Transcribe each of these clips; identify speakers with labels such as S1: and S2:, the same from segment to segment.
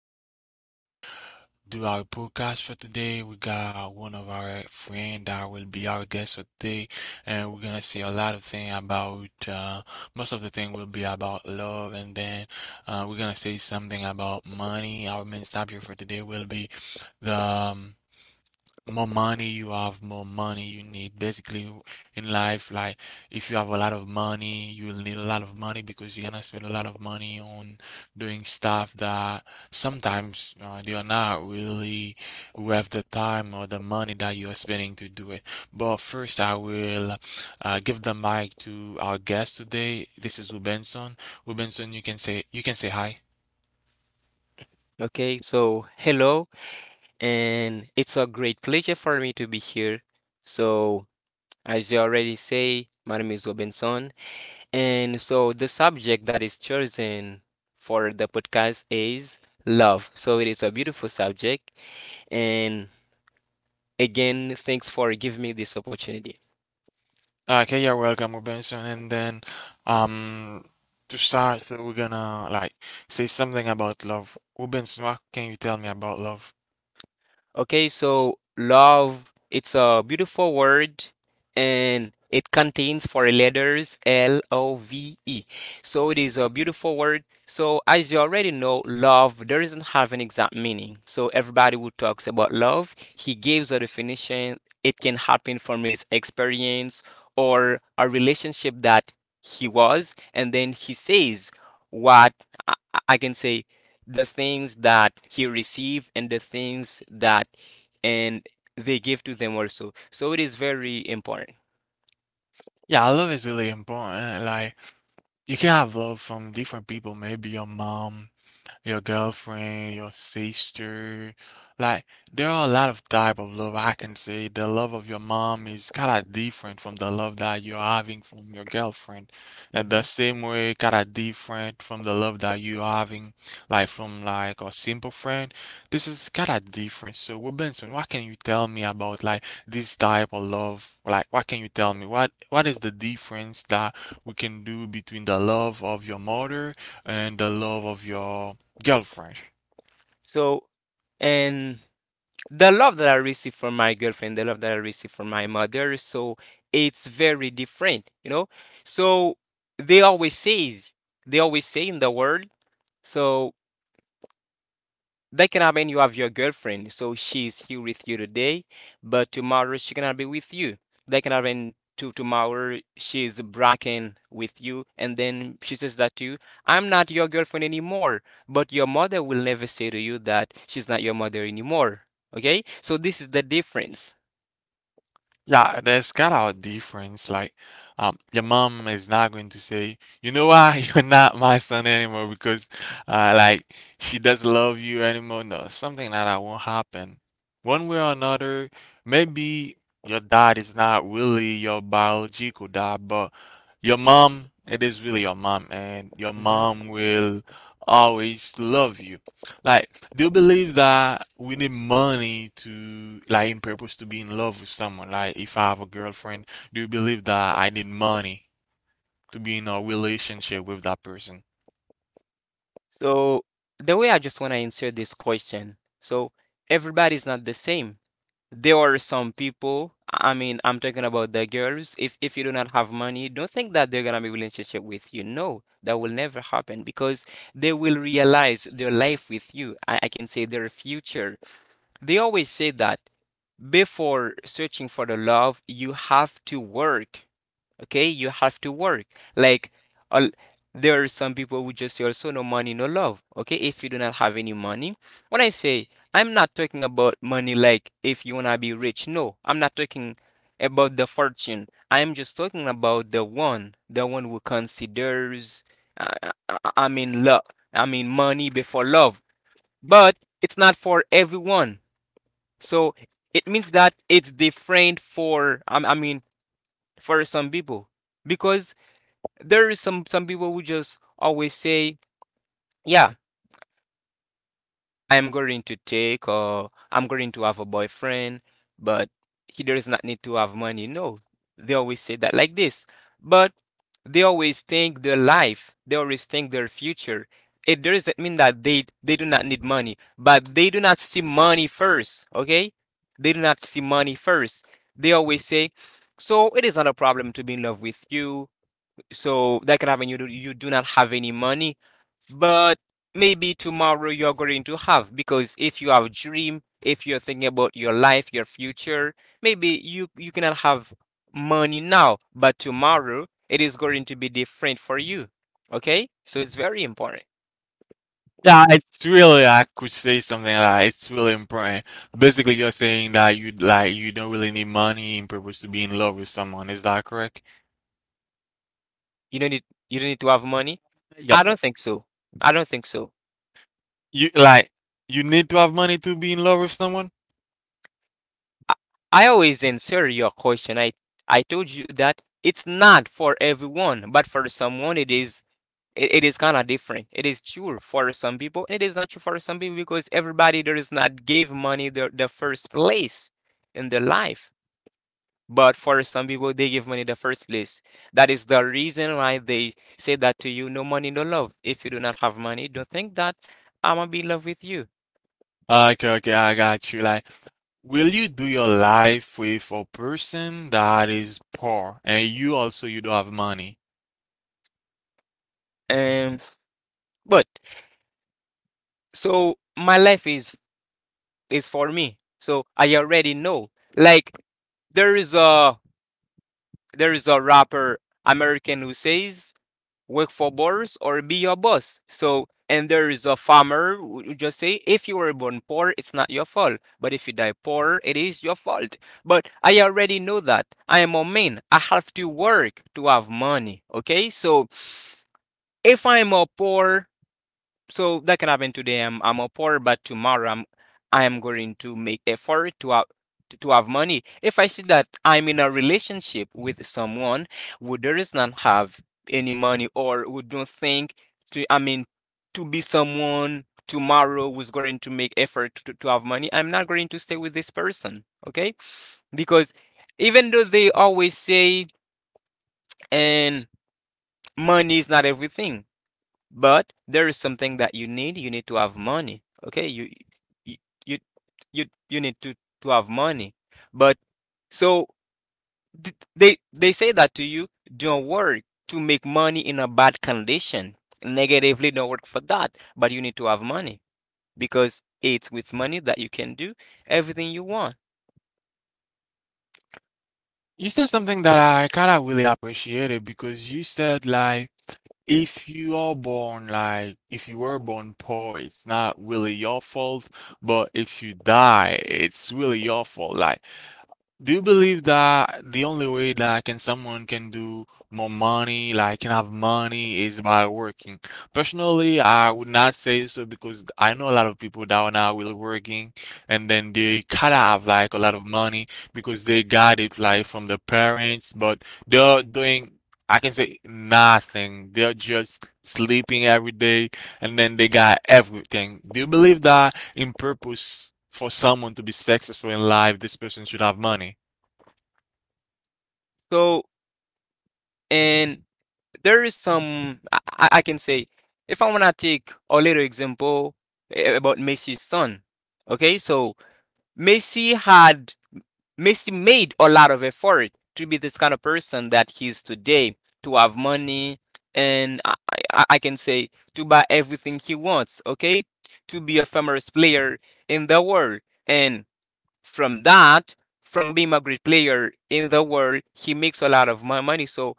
S1: here to do our podcast for today. We got one of our friend that will be our guest for today, and we're gonna say a lot of thing about most of the thing will be about love, and then we're gonna say something about money. Our main subject for today will be the more money you have, more money you need. Basically, in life, like if you have a lot of money, you will need a lot of money because you're gonna spend a lot of money on doing stuff that sometimes they are not really worth the time or the money that you are spending to do it. But first, I will give the mic to our guest today. This is Rubenson. Rubenson, you can say hi.
S2: Okay, so hello, and it's a great pleasure for me to be here. So, as you already say, my name is Robinson, and so the subject that is chosen for the podcast is love. So, it is a beautiful subject, and again, thanks for giving me this opportunity.
S1: Okay, you're welcome, Robinson. And then, um, to start, so we're gonna like say something about love. Robinson, what can you tell me about love?
S2: Okay, so love, it's a beautiful word and it contains four letters, L O V E. So it is a beautiful word. So as you already know, love doesn't have an exact meaning. So everybody who talks about love, he gives a definition. It can happen from his experience or a relationship that he was, and then he says what can say the things that he received and the things that and they give to them also. So it is very important.
S1: Yeah, love is really important. Like, you can have love from different people, maybe your mom, your girlfriend, your sister. Like there are a lot of type of love I can say. The love of your mom is kind of different from the love that you're having from your girlfriend. And the
S2: hmm
S1: same way, kind of different from the love that you're having, like from like a simple friend. This is kind of different. So, Robinson, what can you tell me about like this type of love? Like, what can you tell me? What is the difference that we can do between the love of your mother and the love of your girlfriend.
S2: So and the love that I receive from my girlfriend, the love that I receive from my mother, so it's very different, you know. So they always says, they always say in the world, so that can happen. You have your girlfriend, so she's here with you today, but tomorrow she cannot be with you. That can happen to tomorrow she's bragging with you, and then she says that to you, I'm not your girlfriend anymore. But your mother will never say to you that she's not your mother anymore. Okay, so this is the difference.
S1: Yeah, there's kind of a difference. Like, your mom is not going to say, you know why you're not my son anymore because, like, she doesn't love you anymore. No, something like that won't happen. One way or another, maybe your dad is not really your biological dad, but your mom, it is really your mom, and your
S2: hmm
S1: mom will always love you. Like, do you believe that we need money to, like, in purpose to be in love with someone? Like, if I have a girlfriend, do you believe that I need money to be in a relationship with that person?
S2: So the way I just want to answer this question, so everybody's not the same. There are some people, I mean, I'm talking about the girls. If you do not have money, don't think that they're gonna be relationship with you. No, that will never happen because they will realize their life with you. I can say their future. They always say that before searching for the love, you have to work. Okay, you have to work. Like, al- there are some people who just say also no money, no love. Okay, if you do not have any money, when I say I'm not talking about money, like if you wanna be rich. No, I'm not talking about the fortune. I'm just talking about the one who considers. I mean, love. I mean, money before love. But it's not for everyone. So it means that it's different for I mean for some people because there is some people who just always say, yeah, I'm going to take or I'm going to have a boyfriend, but he does not need to have money. No, they always say that like this. But they always think their life, they always think their future. It doesn't mean that they do not need money, but they do not see money first, okay? They do not see money first. They always say, so it is not a problem to be in love with you. So that can happen. You do not have any money, but maybe tomorrow you're going to have, because if you have a dream, if you're thinking about your life, your future, maybe you cannot have money now, but tomorrow it is going to be different for you. Okay, so it's very important.
S1: Yeah, it's really I could say something like it's really important. Basically, you're saying that you like you don't really need money in purpose to be in love with someone. Is that correct?
S2: You don't need, you don't need to have money.
S1: Yep.
S2: I don't think so. I don't think so.
S1: You like you need to have money to be in love with someone?
S2: I always answer your question. I told you that it's not for everyone, but for someone it is. It is kind of different. It is true for some people, it is not true for some people, because everybody does not give money the first place in their life. But for some people, they give money the first place. That is the reason why they say that to you, no money, no love. If you do not have money, don't think that I'm gonna be in love with you.
S1: Okay, okay, I got you. Like, will you do your life with a person that is poor and you also you don't have money?
S2: Um, but so my life is for me. So I already know. Like, there is a there is a rapper American who says work for Boris or be your boss. So and there is a farmer who just say, if you were born poor, it's not your fault. But if you die poor, it is your fault. But I already know that. I am a man. I have to work to have money. Okay? So if I'm a poor, so that can happen today. I'm a poor, but tomorrow I am going to make effort to have money. If I see that I'm in a relationship with someone who does not have any money, or who don't think to I mean to be someone tomorrow who's going to make effort to have money, I'm not going to stay with this person. Okay? Because even though they always say and money is not everything, but there is something that you need. You need to have money. Okay, you you you need to have money. But so they say that to you, don't work to make money in a bad condition. Negatively, don't work for that. But you need to have money because it's with money that you can do everything you want.
S1: You said something that I kind of really appreciated because you said like if you are born like if you were born poor, it's not really your fault, but if you die, it's really your fault. Like do you believe that the only way that can someone can do more money, like can have money, is by working? Personally, I would not say so because I know a lot of people that are now really working and then they kinda have like a lot of money because they got it like from the parents, but they're doing I can say nothing. They're just sleeping every day and then they got everything. Do you believe that in purpose for someone to be successful in life, this person should have money?
S2: So and there is some, I can say, if I wanna take a little example, about Messi's son. Okay, so Messi had Messi made a lot of effort to be this kind of person that he is today, to have money, and I can say to buy everything he wants, okay? To be a famous player in the world. And from that, from being a great player in the world, he makes a lot of money. So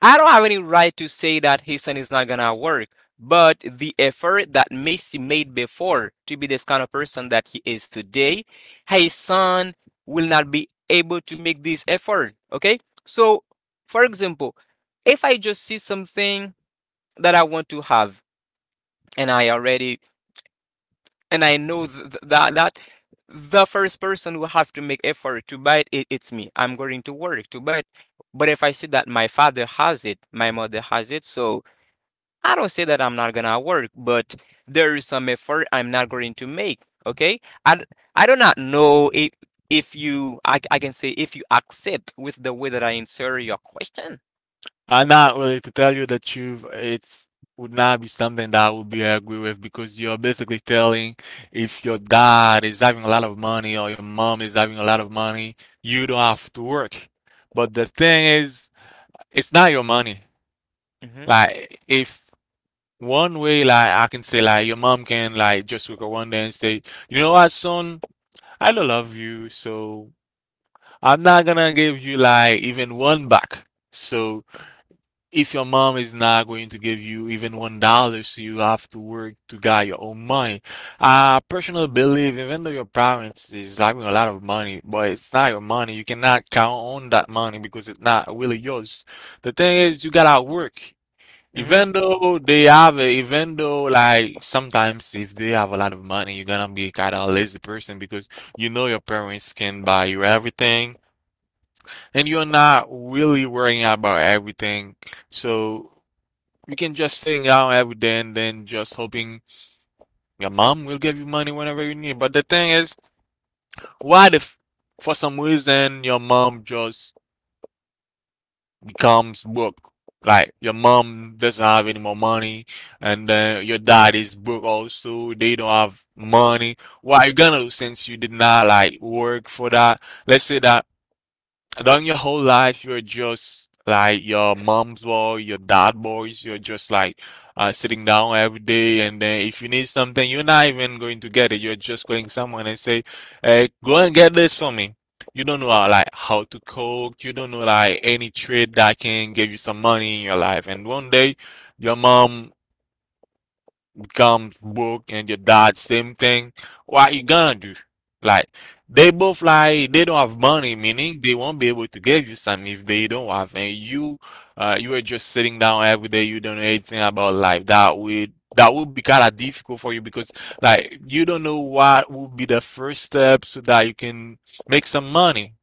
S2: I don't have any right to say that his son is not gonna work, but the effort that Messi made before to be this kind of person that he is today, his son will not be able to make this effort. Okay, so for example, if I just see something that I want to have, and I already and I know that the first person who have to make effort to buy it, it it's me. I'm going to work to buy it. But if I see that my father has it, my mother has it, so I don't say that I'm not gonna work, but there is some effort I'm not going to make. Okay, I do not know if you, I can say, if you accept with the way that I insert your question.
S1: I'm not really to tell you the truth. It's would not be something that I would be agree with because you're basically telling if your dad is having a lot of money or your mom is having a lot of money, you don't have to work. But the thing is, it's not your money.
S2: hmm
S1: Like if one way, like I can say, like your mom can like just wake up one day and say, you know what, son, I don't love you, so I'm not gonna give you like even one buck. So if your mom is not going to give you even $1, so you have to work to get your own money. I personally believe even though your parents is having a lot of money, but it's not your money. You cannot count on that money because it's not really yours. The thing is you gotta work.
S2: hmm
S1: Even though they have it, even though like sometimes if they have a lot of money, you're gonna be kind of a lazy person because you know your parents can buy you everything and you're not really worrying about everything. So you can just sitting down every day and then just hoping your mom will give you money whenever you need. But the thing is, what if for some reason your mom just becomes broke? Like your mom doesn't have any more money, and then your dad is broke also. They don't have money. What are you gonna do since you did not like work for that? Let's say that then your whole life, you're just like your mom's boy, your dad boys. You're just like sitting down every day, and then if you need something, you're not even going to get it. You're just calling someone and say, "Hey, go and get this for me." You don't know like how to cook. You don't know like any trade that can give you some money in your life. And one day, your mom dude comes broke and your dad same thing, what you gonna do? Like they both like they don't have money, meaning they won't be able to give you some if they don't have, and you you are just sitting down every day, you don't know anything about life. That would be kind of difficult for you because like you don't know what would be the first step so that you can make some money.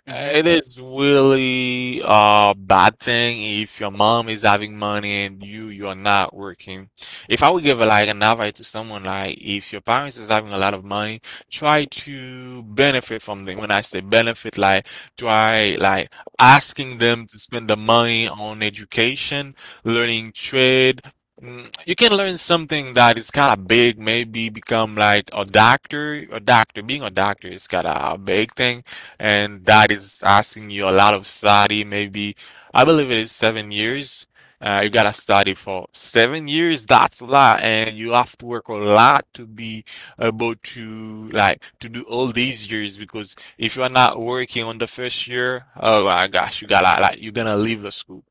S2: hmm
S1: It is really a bad thing if your mom is having money and you're not working. If I would give like an advice to someone, like if your parents is having a lot of money, try to benefit from them. When I say benefit, like try like asking them to spend the money on education, learning trade. Mm, you can learn something that is kind of big, maybe become like a doctor. A doctor, being a doctor is kind of a big thing and that is asking you a lot of study. Maybe I believe it is 7 years. You gotta study for 7 years. That's a lot, and you have to work a lot to be able to like to do all these years. Because if you are not working on the first year, oh my gosh, you gotta like you're gonna leave the school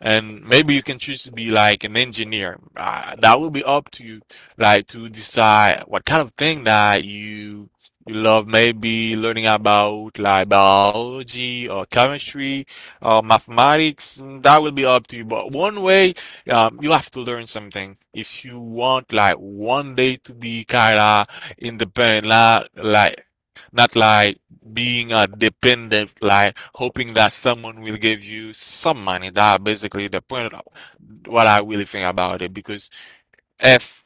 S1: and maybe you can choose to be like an engineer. That will be up to you, like to decide what kind of thing that you love. Maybe learning about like biology or chemistry or mathematics. Mm, that will be up to you. But one way, you have to learn something if you want like one day to be kinda independent, not like being a dependent, like hoping that someone will give you some money. That basically the point of what I really think about it. Because if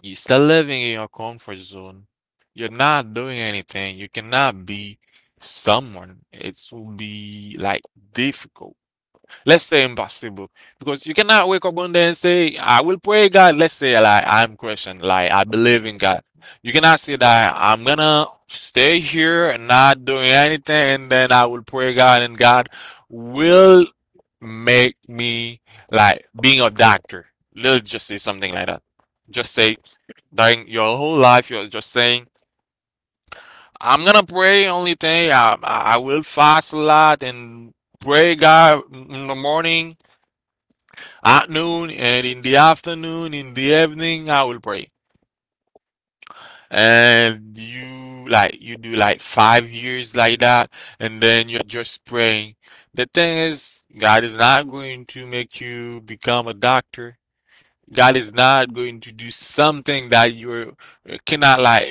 S1: you're still living in your comfort zone, you're not doing anything. You cannot be someone. It will be like difficult. Let's say impossible because you cannot wake up one day and say, I will pray God. Let's say like I'm Christian, like I believe in God. You cannot say that I'm gonna stay here and not doing anything and then I will pray God and God will make me like being a doctor. Let's just say something like that. Just say during your whole life you're just saying, I'm gonna pray only thing I will fast a lot and pray God in the morning at noon and in the afternoon, in the evening, I will pray. And you like you do like 5 years like that, and then you're just praying. The thing is, God is not going to make you become a doctor. God is not going to do something that you cannot like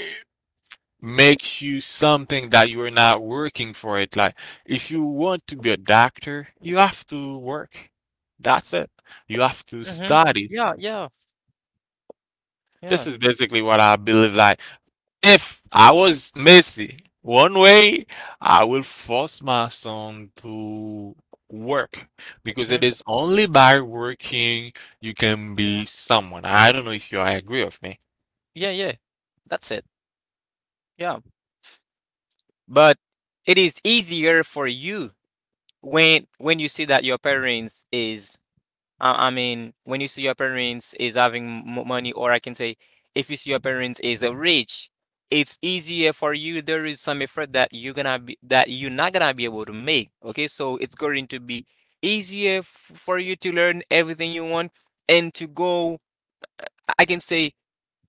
S1: make you something that you are not working for it. Like if you want to be a doctor, you have to work. That's it. You have to
S2: Mhm.
S1: study.
S2: Yeah, yeah, yeah.
S1: This is basically what I believe. Like, if I was Messi, one way I will force my son to work because
S2: Mhm.
S1: it is only by working you can be someone. I don't know if you agree with me.
S2: Yeah, yeah. That's it. Yeah. But it is easier for you when you see that your parents is, I mean, when you see your parents is having m money, or I can say, if you see your parents is rich, it's easier for you. There is some effort that you're not gonna be able to make. Okay? So it's going to be easier f for you to learn everything you want and to go, I can say,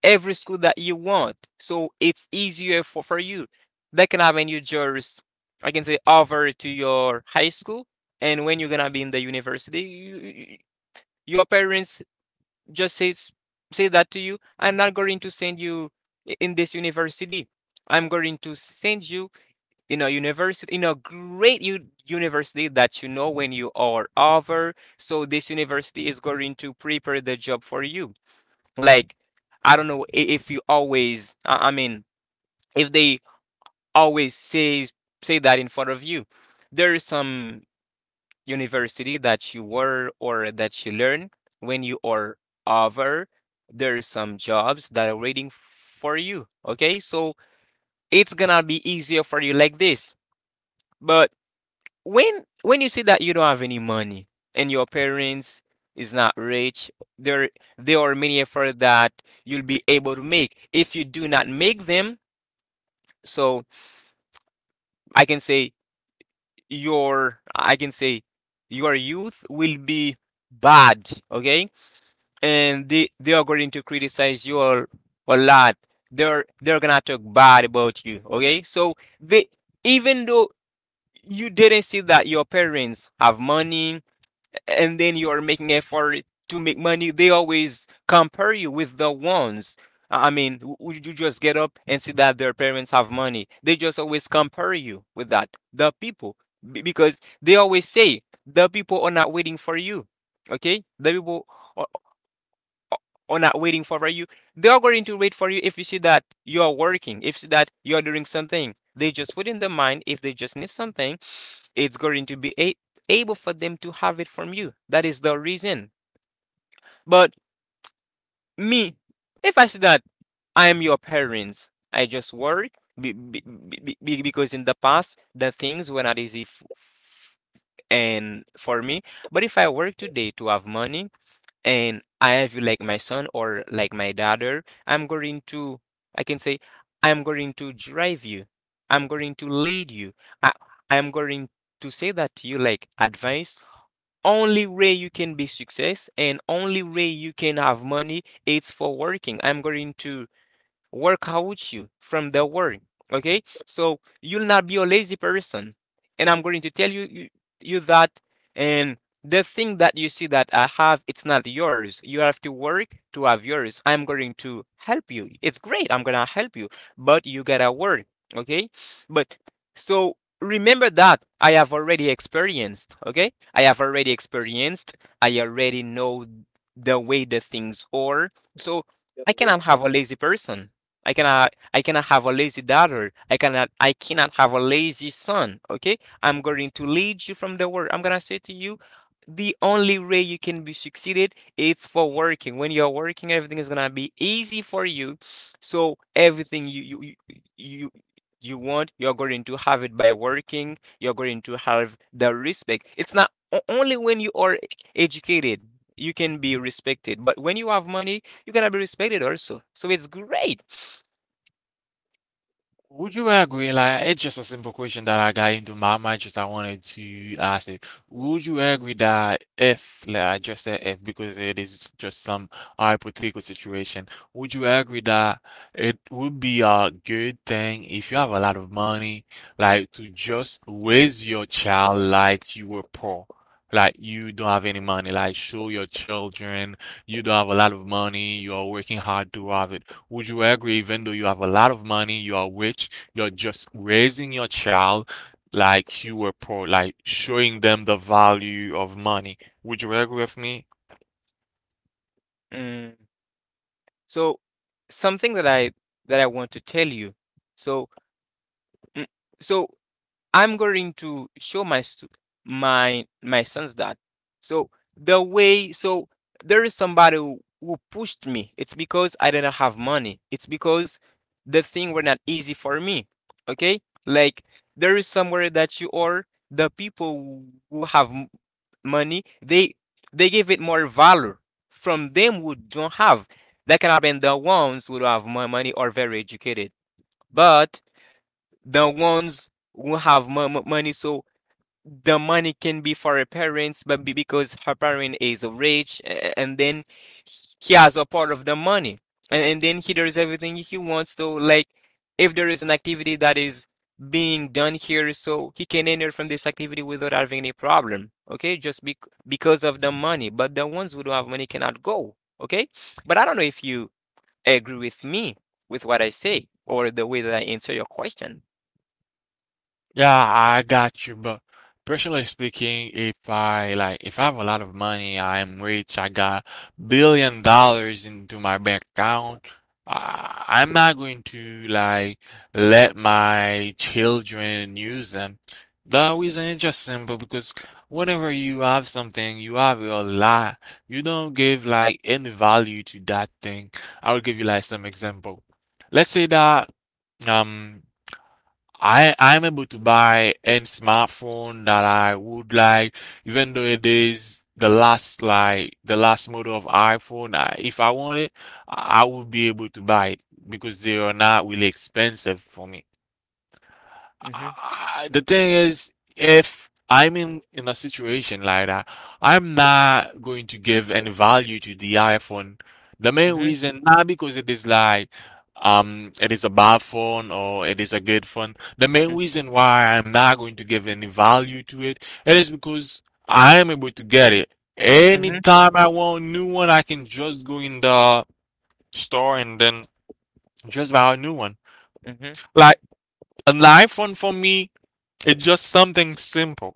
S2: every school that you want. So it's easier for you. They can have in your jurors, I can say, over to your high school. And when you're going to be in the university, you, your parents just says, say that to you, I'm not going to send you in this university. I'm going to send you in a university, in a great university, that you know when you are over. So this university is going to prepare the job for you. Like, I don't know if you always, I mean, if they always say that in front of you. There is some university that you were or that you learn when you are over. There is some jobs that are waiting for you. Okay, so it's gonna be easier for you like this. But when you see that you don't have any money and your parents is not rich, there there are many efforts that you'll be able to make. If you do not make them, so I can say your, I can say your youth will be bad. Okay, and they are going to criticize you a lot. They're gonna talk bad about you. Okay, so they, even though you didn't see that your parents have money, and then you are making effort to make money, they always compare you with the ones. I mean, would you just get up and see that their parents have money? They just always compare you with that. The people, because they always say, the people are not waiting for you. Okay, the people or not waiting for you. They are going to wait for you if you see that you are working, if you see that you are doing something. They just put in their mind if they just need something, it's going to be able for them to have it from you. That is the reason. But me, if I see that I am your parents, I just work because in the past the things were not easy and for me. But if I work today to have money and I have like my son or like my daughter, I'm going to, I can say, I'm going to drive you. I'm going to lead you. I, I'm going to say that to you like advice. Only way you can be success and only way you can have money it's for working. I'm going to work out you from the worry. Okay, so you'll not be a lazy person, and I'm going to tell you you that and the thing that you see that I have, it's not yours. You have to work to have yours. I'm going to help you. It's great. I'm gonna help you, but you gotta work. Okay, but so remember that I have already experienced. Okay, I have already experienced. I already know the way the things are. So I cannot have a lazy person. I cannot have a lazy daughter. I cannot have a lazy son. Okay? I'm going to lead you from the word. I'm gonna say to you, the only way you can be succeeded is for working. When you're working, everything is gonna be easy for you. So everything you you want, you're going to have it by working. You're going to have the respect. It's not only when you are educated you can be respected, but when you have money, you're gonna be respected also. So it's great.
S1: Would you agree? Like, it's just a simple question that I got into my mind. Just I wanted to ask it. Would you agree that if, like I just said, if because it is just some hypothetical situation, would you agree that it would be a good thing if you have a lot of money, like to just raise your child like you were poor, like you don't have any money, like show your children. You don't have a lot of money, you are working hard to have it. Would you agree, even though you have a lot of money, you are rich, you're just raising your child like you were poor, like showing them the value of money? Would you agree with me?
S2: Mm. So something that I want to tell you. So Mm, So I'm going to show my my sons that. So the way so there is somebody who pushed me. It's because I didn't have money. It's because the thing were not easy for me. Okay? Like there is somewhere that you are the people who have money, they give it more value from them who don't have. That can have been the ones who don't have more money or very educated. But the ones who have money so the money can be for her parents but because her parent is rich and then he has a part of the money and then he does everything he wants to. Like, if there is an activity that is being done here, so he can enter from this activity without having any problem. Okay, just because of the money, but the ones who don't have money cannot go. Okay, but I don't know if you agree with me with what I say or the way that I answer your question.
S1: Yeah, I got you, but personally speaking, if I like if I have a lot of money, I am rich, I got billion dollars into my bank account, I'm not going to like let my children use them. The reason is just simple because whenever you have something, you have a lot. You don't give like any value to that thing. I will give you like some example. Let's say that um. I'm able to buy any smartphone that I would like, even though it is the last like the last model of iPhone. I, if I want it, I would be able to buy it because they are not really expensive for me.
S2: Mhm.
S1: I, the thing is, if I'm in a situation like that, I'm not going to give any value to the iPhone. The main
S2: Mhm.
S1: reason, not because it is like it is a bad phone or it is a good phone. The main
S2: mm,
S1: reason why I'm not going to give any value to it, it is because I am able to get it.
S2: mhm.
S1: Anytime I want a new one, I can just go in the store and then just buy a new one.
S2: mhm,
S1: Like an iPhone for me. It's just something simple.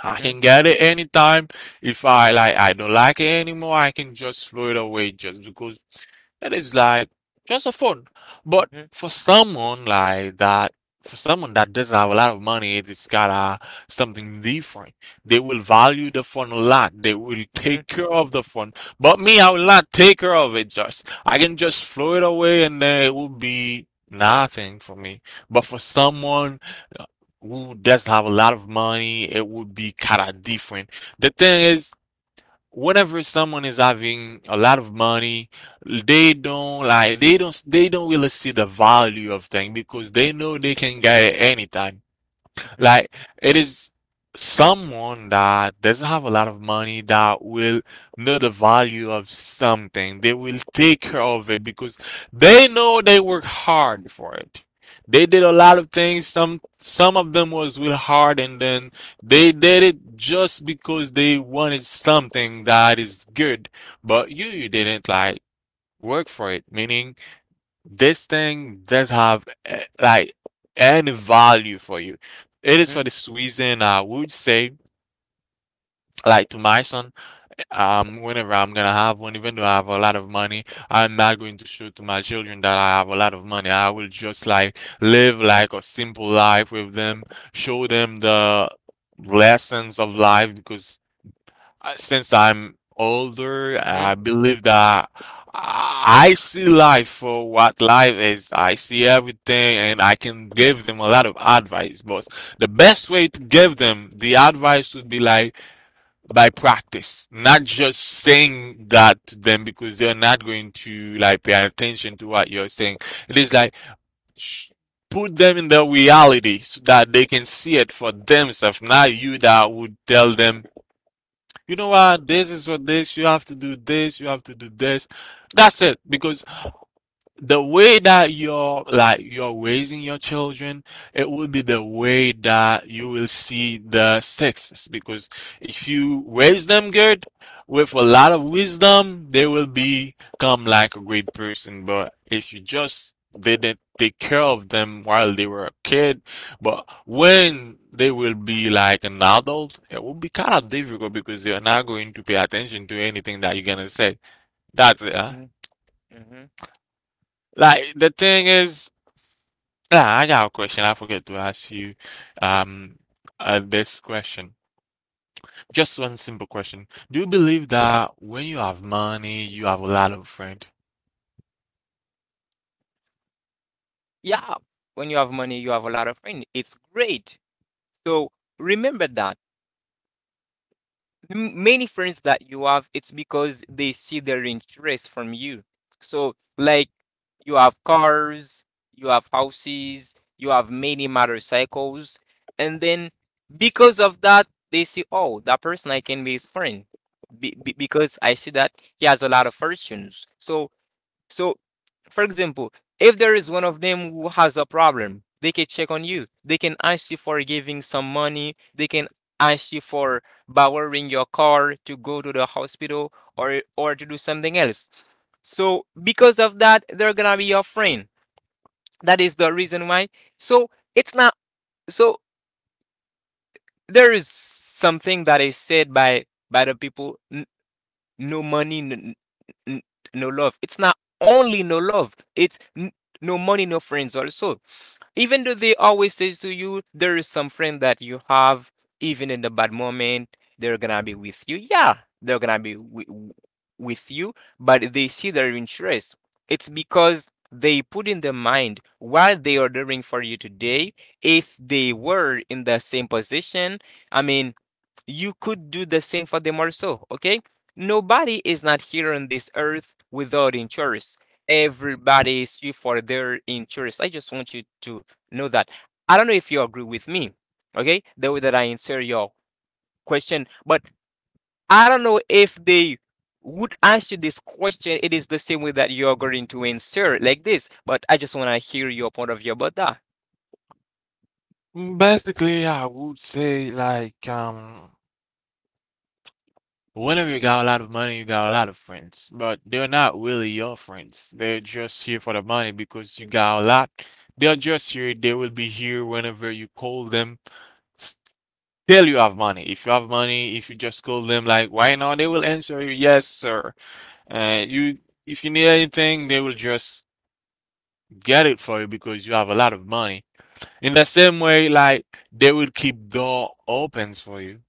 S1: I
S2: mhm,
S1: can get it anytime. If I like, I don't like it anymore, I can just throw it away just because it is like just a phone. But
S2: mhm,
S1: for someone like that, for someone that doesn't have a lot of money, it is gotta something different. They will value the phone a lot. They will
S2: mhm,
S1: take care of the phone. But me, I will not take care of it. Just I can just throw it away, and then it will be nothing for me. But for someone who does have a lot of money, it would be kind of different. The thing is, whenever someone is having a lot of money, they don't like they don't really see the value of things because they know they can get it anytime.
S2: mhm,
S1: Like it is someone that doesn't have a lot of money that will know the value of something. They will take care of it because they know they work hard for it. They did a lot of things. Some of them was really hard and then they did it just because they wanted something that is good. But you didn't like work for it. Meaning this thing does have like any value for you. It is
S2: mhm,
S1: for this reason I would say, like to my son, whenever I'm gonna have one, even though I have a lot of money, I'm not going to show to my children that I have a lot of money. I will just like live like a simple life with them, show them the lessons of life because since I'm older,
S2: mhm.
S1: I believe that I see life for what life is. I see everything and I can give them a lot of advice. But the best way to give them the advice would be like by practice, not just saying that to them because they're not going to like pay attention to what you're saying. It is like sh- put them in the reality so that they can see it for themselves, not you that would tell them you know what, this is what this, you have to do this, you have to do this. That's it. Because the way that you're like you're raising your children, it will be the way that you will see the success. Because if you raise them good with a lot of wisdom, they will become like a great person. But if you just didn't take care of them while they were a kid, but when they will be like an adult, it will be kind of difficult because they're not going to pay attention to anything that you're gonna say. That's it, huh?
S2: Mhm, mhm.
S1: Like the thing is yeah, I got a question. I forget to ask you um this question. Just one simple question. Do you believe that when you have money, you have a lot of friends?
S2: Yeah, when you have money, you have a lot of friends. It's great. So remember that. Many friends that you have, it's because they see their interest from you. So, like, you have cars, you have houses, you have many motorcycles, and then because of that, they see, oh, that person I can be his friend. Be- because I see that he has a lot of fortunes. So so, for example, if there is one of them who has a problem, they can check on you. They can ask you for giving some money. They can ask you for borrowing your car to go to the hospital or to do something else. So, because of that, they're gonna be your friend. That is the reason why. So it's not. So there is something that is said by the people. No money, n- no love. It's not only no love, it's no money, no friends also. Even though they always says to you, there is some friend that you have, even in the bad moment, they're gonna be with you. Yeah, they're gonna be with you, but they see their interest. It's because they put in their mind what they are doing for you today. If they were in the same position, I mean, you could do the same for the Marceau, okay? Nobody is not here on this earth without insurance. Everybody is here for their insurance. I just want you to know that. I don't know if you agree with me, okay? The way that I answer your question, but I don't know if they would answer this question. It is the same way that you're going to answer like this, but I just want to hear your point of view about that.
S1: Mm, basically, I would say like whenever you got a lot of money, you got a lot of friends, but they're not really your friends. They're just here for the money because you got a lot. They're just here. They will be here whenever you call them. S- Still, you have money. If you have money, if you just call them like, why not? They will answer you, yes, sir. Uh, you, if you need anything, they will just get it for you because you have a lot of money. In the same way, like they will keep door opens for you.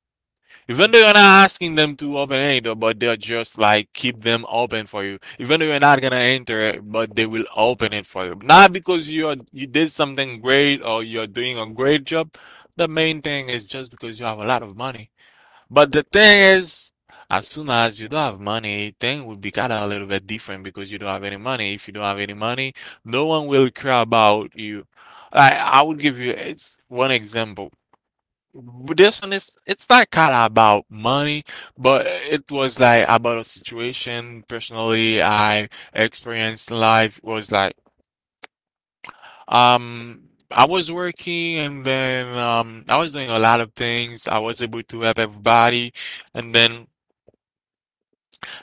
S1: Even though you're not asking them to open any door, but they'll just like keep them open for you. Even though you're not gonna enter it, but they will open it for you. Not because you are you did something great or you're doing a great job. The main thing is just because you have a lot of money. But the thing is, as soon as you don't have money, thing will be kinda a little bit different because you don't have any money. If you don't have any money, no one will care about you. I would give you it's one example. But this one is it's not kind of about money, but it was like about a situation personally I experienced life was like um I was working and then I was doing a lot of things. I was able to help everybody and then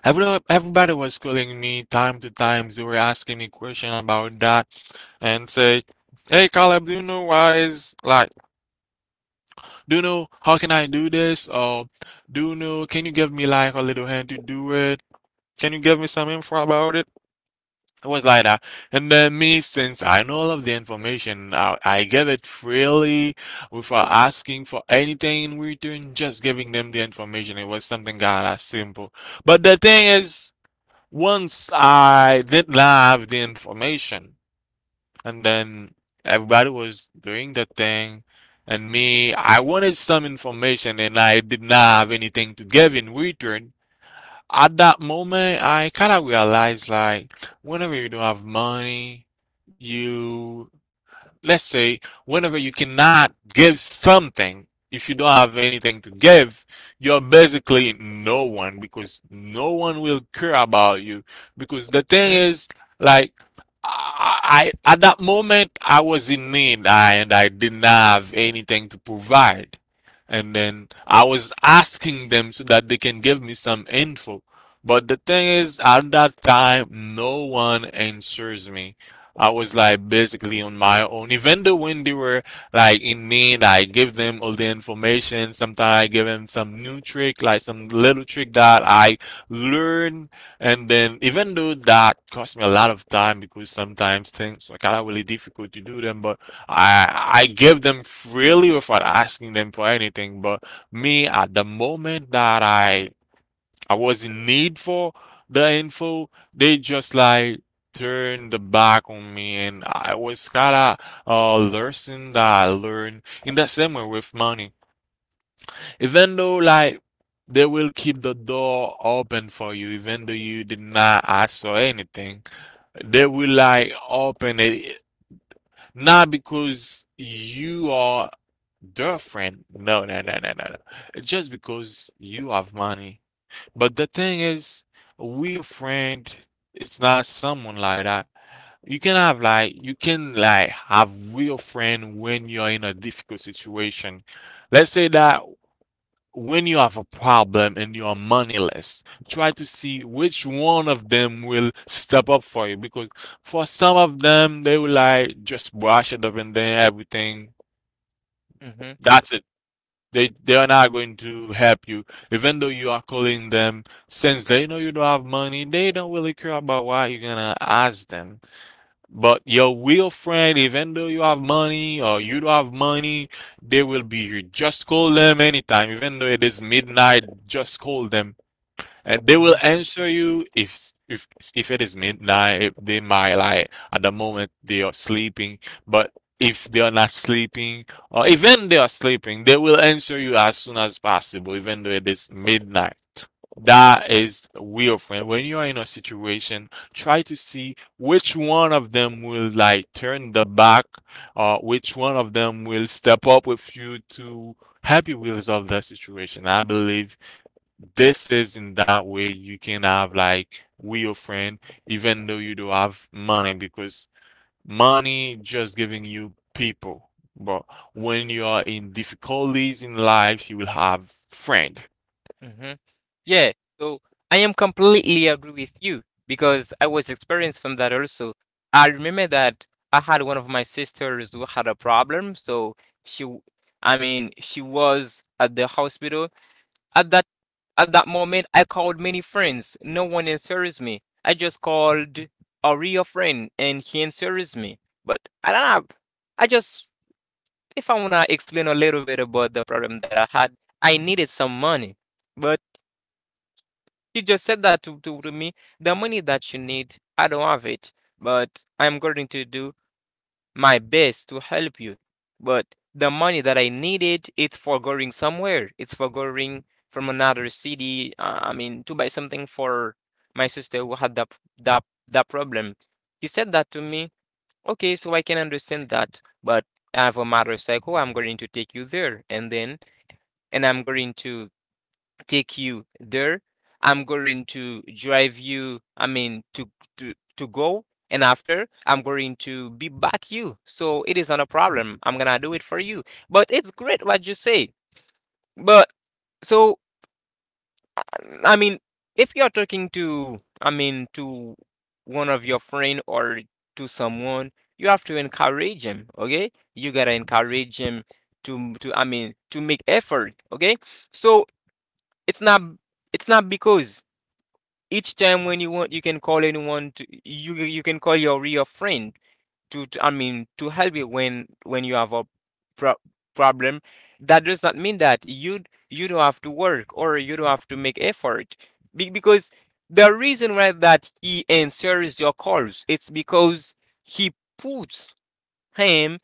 S1: everybody was calling me time to time. They were asking me question about that and say, "Hey Caleb, do you know why is like do know how can I do this? Or do know? Can you give me like a little hand to do it? Can you give me some info about it?" It was like that. And then me, since I know all of the information, I give it freely without asking for anything in return, just giving them the information. It was something kind of simple. But the thing is, once I did not have the information, and then everybody was doing the thing. And me, I wanted some information and I did not have anything to give in return. At that moment, I kind of realized like, whenever you don't have money, you let's say whenever you cannot give something, if you don't have anything to give, you're basically no one because no one will care about you. Because the
S2: Mm.
S1: thing is, like, at that moment I was in need I, and I didn't have anything to provide. And then I was asking them so that they can give me some info. But the thing is, at that time, no one answers me. I was like basically on my own. Even though when they were like in need, I give them all the information. Sometimes I give them some new trick, like some little trick that I learned. And then even though that cost me a lot of time because sometimes things are kind of really difficult to do them, but I give them freely without asking them for anything. But me at the moment that I was in need for the info. They just like turned the back on me, and I was kinda lesson that I learned in the same way with money. Even though like they will keep the door open for you, even though you did not ask for anything, they will like open it not because you are their friend. No, no, no, no, no, no. Just because you have money. But the thing is, real friend, it's not someone like that. You can have like you can like have real friend when you're in a difficult situation. Let's say that when you have a problem and you are moneyless, try to see which one of them will step up for you. Because for some of them, they will like just brush it up and then everything.
S2: Mm-hmm.
S1: That's it. They are not going to help you, even though you are calling them. Since they know you don't have money, they don't really care about why you're gonna ask them. But your real friend, even though you have money or you don't have money, they will be here. Just call them anytime, even though it is midnight. Just call them, and they will
S2: Hmm.
S1: answer you if it is midnight. They might like at the moment they are sleeping, but if they are not sleeping, or even they are sleeping, they will answer you as soon as possible, even though it is midnight. That is real friend. When you are in a situation, try to see which one of them will like turn the back, or which one of them will step up with you to help you resolve that situation. I believe this is in that way you can have like with your friend, even though you don't have money, because money just giving you people. But when you are in difficulties in life, you will have friend.
S2: Hmm. Yeah, so I am completely agree with you because I was experienced from that also. I remember that I had one of my sisters who had a problem, so she, w- I mean, she was at the hospital. At that at that moment, I called many friends. No one answers me. I just called a real friend and he answers me. But I don't have, I just, if I want to explain a little bit about the problem that I had, I needed some money. But he just said that to me, the money that you need, I don't have it, but I'm going to do my best to help you. But the money that I needed, it's for going somewhere. It's for going from another city. I mean, to buy something for my sister who had that problem. He said that to me. Okay, so I can understand that, but I have a motorcycle. I'm going to take you there, and then and I'm going to take you there. I'm going to drive you, I mean, to go, and after I'm going to be back you. So it is not a problem. I'm gonna do it for you. But it's great what you say. But so I mean, if you're talking to, I mean, to one of your friend or to someone, you have to encourage him. Okay, you gotta encourage him to I mean to make effort. Okay, so it's not it's not because each time when you want you can call anyone to you, you can call your real friend to I mean to help you when you have a pro- problem, that does not mean that you don't have to work or you don't have to make effort. Because the reason why that he answers your calls it's because he puts him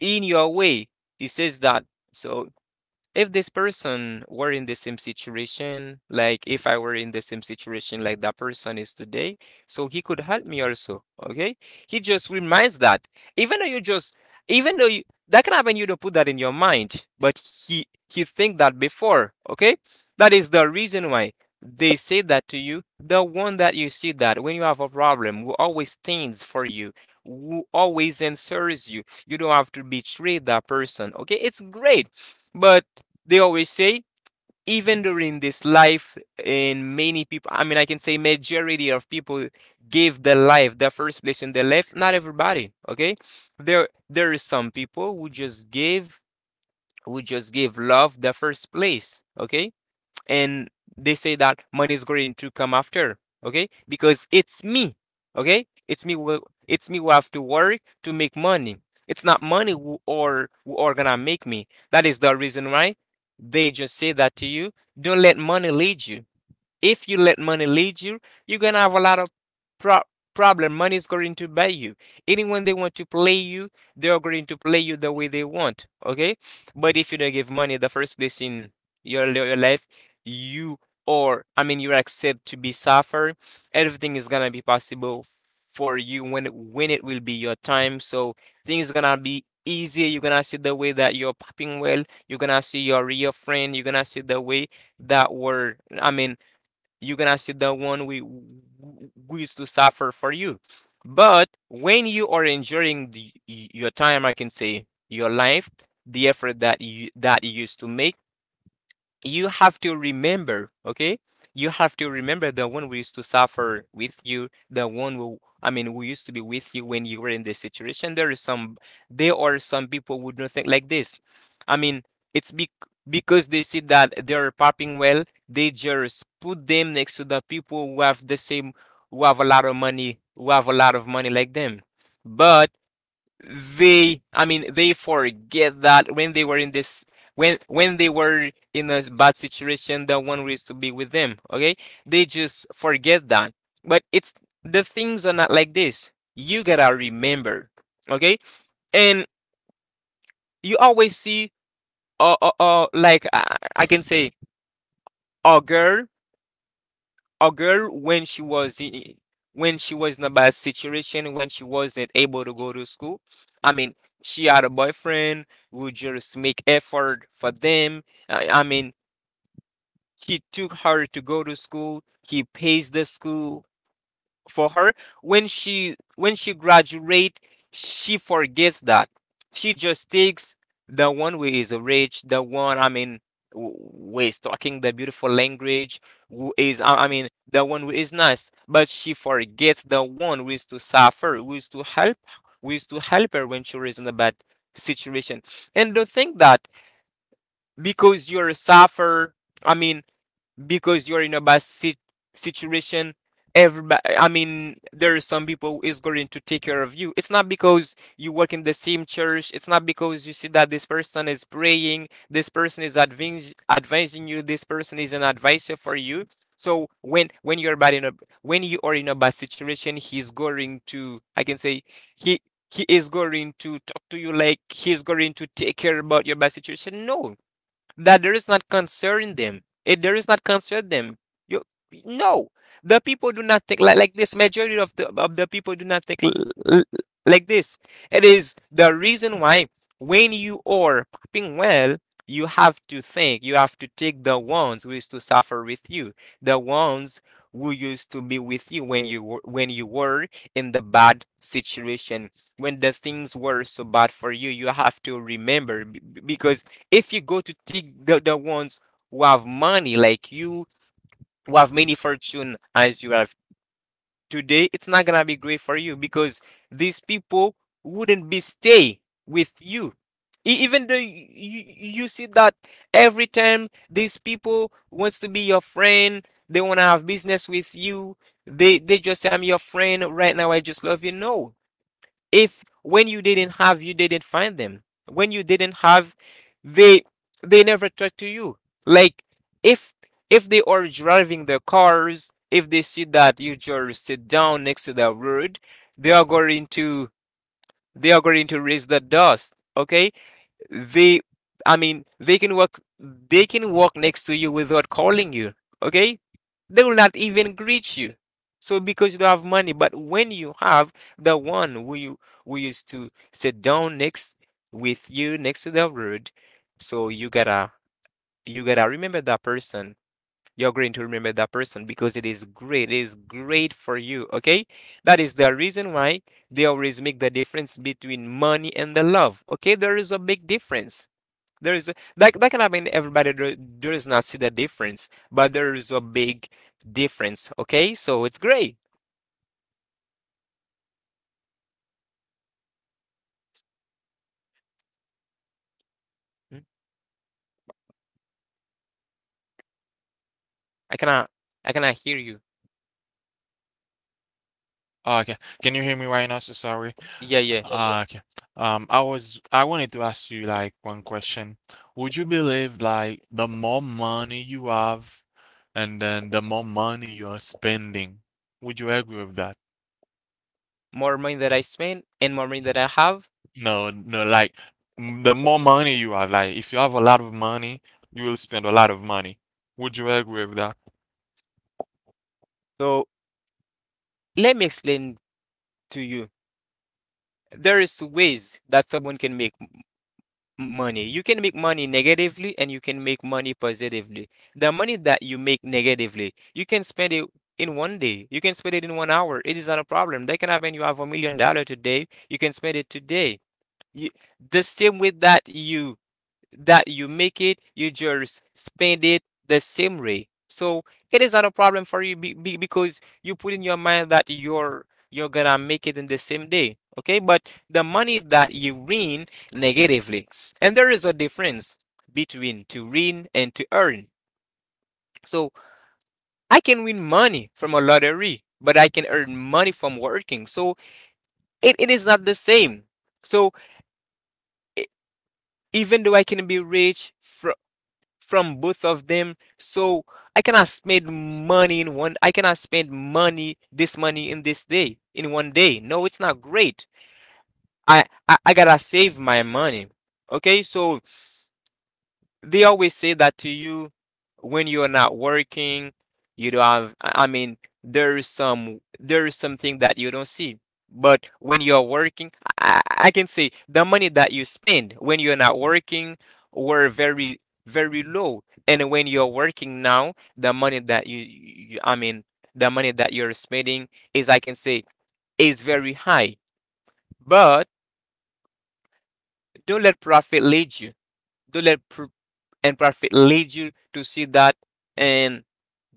S2: in your way. He says that, so if this person were in the same situation, like if I were in the same situation like that person is today, so he could help me also. Okay. He just reminds that. Even though you just even though you That can happen, you don't put that in your mind, but he think that before. Okay. That is the reason why they say that to you. The one that you see that when you have a problem who always stands for you, who always answers you. You don't have to betray that person. Okay, it's great. But they always say, even during this life, in many people, I mean, I can say majority of people give their life the first place in their life, not everybody. Okay, there is some people who just give love the first place. Okay, and they say that money is going to come after. Okay, because it's me. Okay, it's me who have to work to make money. It's not money who or who are gonna make me. That is the reason why they just say that to you, don't let money lead you. If you let money lead you, you're gonna have a lot of pro- problem. Money is going to buy you. Anyone they want to play you, they are going to play you the way they want. Okay, but if you don't give money the first place in your life, you or I mean you accept to be suffer. Everything is gonna be possible for you when when it will be your time. So things gonna be easier. You're gonna see the way that you're popping well. You're gonna see your real friend. You're gonna see the way that were I mean you're gonna see the one we who used to suffer for you. But when you are enjoying your time, I can say your life, the effort that you used to make, you have to remember, okay? You have to remember the one who used to suffer with you, the one who, I mean, who used to be with you when you were in this situation. There is some, there are some people who don't think like this. I mean, it's bec Because they see that they're popping well, they just put them next to the people who have the same, who have a lot of money, who have a lot of money like them. But they I mean they forget that when they were in this when they were in a bad situation that one was to be with them, okay? They just forget that. But it's the things are not like this, you gotta remember, okay? And you always see like I can say a girl, when she was in, when she was in a bad situation, when she wasn't able to go to school, i mean she had a boyfriend who just make effort for them. i, I mean he took her to go to school, he pays the school for her. When she graduate, she forgets that. She just takes the one who is rich, the one I mean who is talking the beautiful language, who is I mean the one who is nice, but she forgets the one who is to suffer, who is to help, who is to help her when she is in a bad situation. And don't think that because you're a sufferer, i mean because you're in a situation, everybody, there are some people who is going to take care of you. It's not because you work in the same church. It's not because you see that this person is praying, this person is advising you, this person is an advisor for you. So when you're bad in a, when you are in a bad situation, he's going to, I can say, he he is going to talk to you like he's going to take care about your bad situation. No, that there is not concern them. It there is not concern them. You, no, the people do not think like this. Majority of the people do not think l- like this. It is the reason why when you are popping well, you have to think. You have to take the ones who used to suffer with you, the ones who used to be with you when you were in the bad situation, when the things were so bad for you. You have to remember because if you go to take the ones who have money, like you, who have many fortune as you have today, it's not gonna be great for you because these people wouldn't be stay with you. Even though you see that every time these people wants to be your friend, they wanna have business with you. They just say, "I'm your friend right now. I just love you." No, if when you didn't have, you didn't find them. When you didn't have, they they never talk to you. Like if if they are driving their cars, if they see that you just sit down next to the road, they are going to they are going to raise the dust, okay? They, they can walk. They can walk next to you without calling you. Okay, they will not even greet you. So because you don't have money. But when you have the one who you, who used to sit down next with you next to the road, so you gotta remember that person. You're going to remember that person because it is great. It is great for you. Okay, that is the reason why they always make the difference between money and the love. Okay, there is a big difference. There is a, that like everybody does not see the difference, but there is a big difference. Okay, so it's great. Mm, I cannot I cannot hear you.
S1: Okay, can you hear me right now? So sorry.
S2: Yeah, yeah.
S1: Okay. I wanted to ask you like one question. Would you believe like the more money you have, and then the more money you are spending? Would you agree with that?
S2: More money that I spend and more money that I have.
S1: No, no, like the more money you have. Like, if you have a lot of money, you will spend a lot of money. Would you agree with that?
S2: So let me explain to you. There is ways that someone can make money. You can make money negatively and you can make money positively. The money that you make negatively, you can spend it in 1 day. You can spend it in 1 hour. It is not a problem. That can happen. You have $1 million today. You can spend it today. You, the same way that you make it, you just spend it the same way. So it is not a problem for you because you put in your mind that you're gonna make it in the same day. Okay, but the money that you win negatively, and there is a difference between to win and to earn. So I can win money from a lottery, but I can earn money from working. So it is not the same. So e- even though I can be rich from both of them. So I cannot spend money in one. I cannot spend money this money in this day in 1 day. No, it's not great. I gotta save my money. Okay, so they always say that to you when you're not working, you don't have, there is there is something that you don't see. But when you're working, I can say the money that you spend when you're not working were very, very low. And when you're working now, the money that the money that you're spending is, I can say, is very high. But don't let profit lead you. Don't let pr And perfect lead you to see that and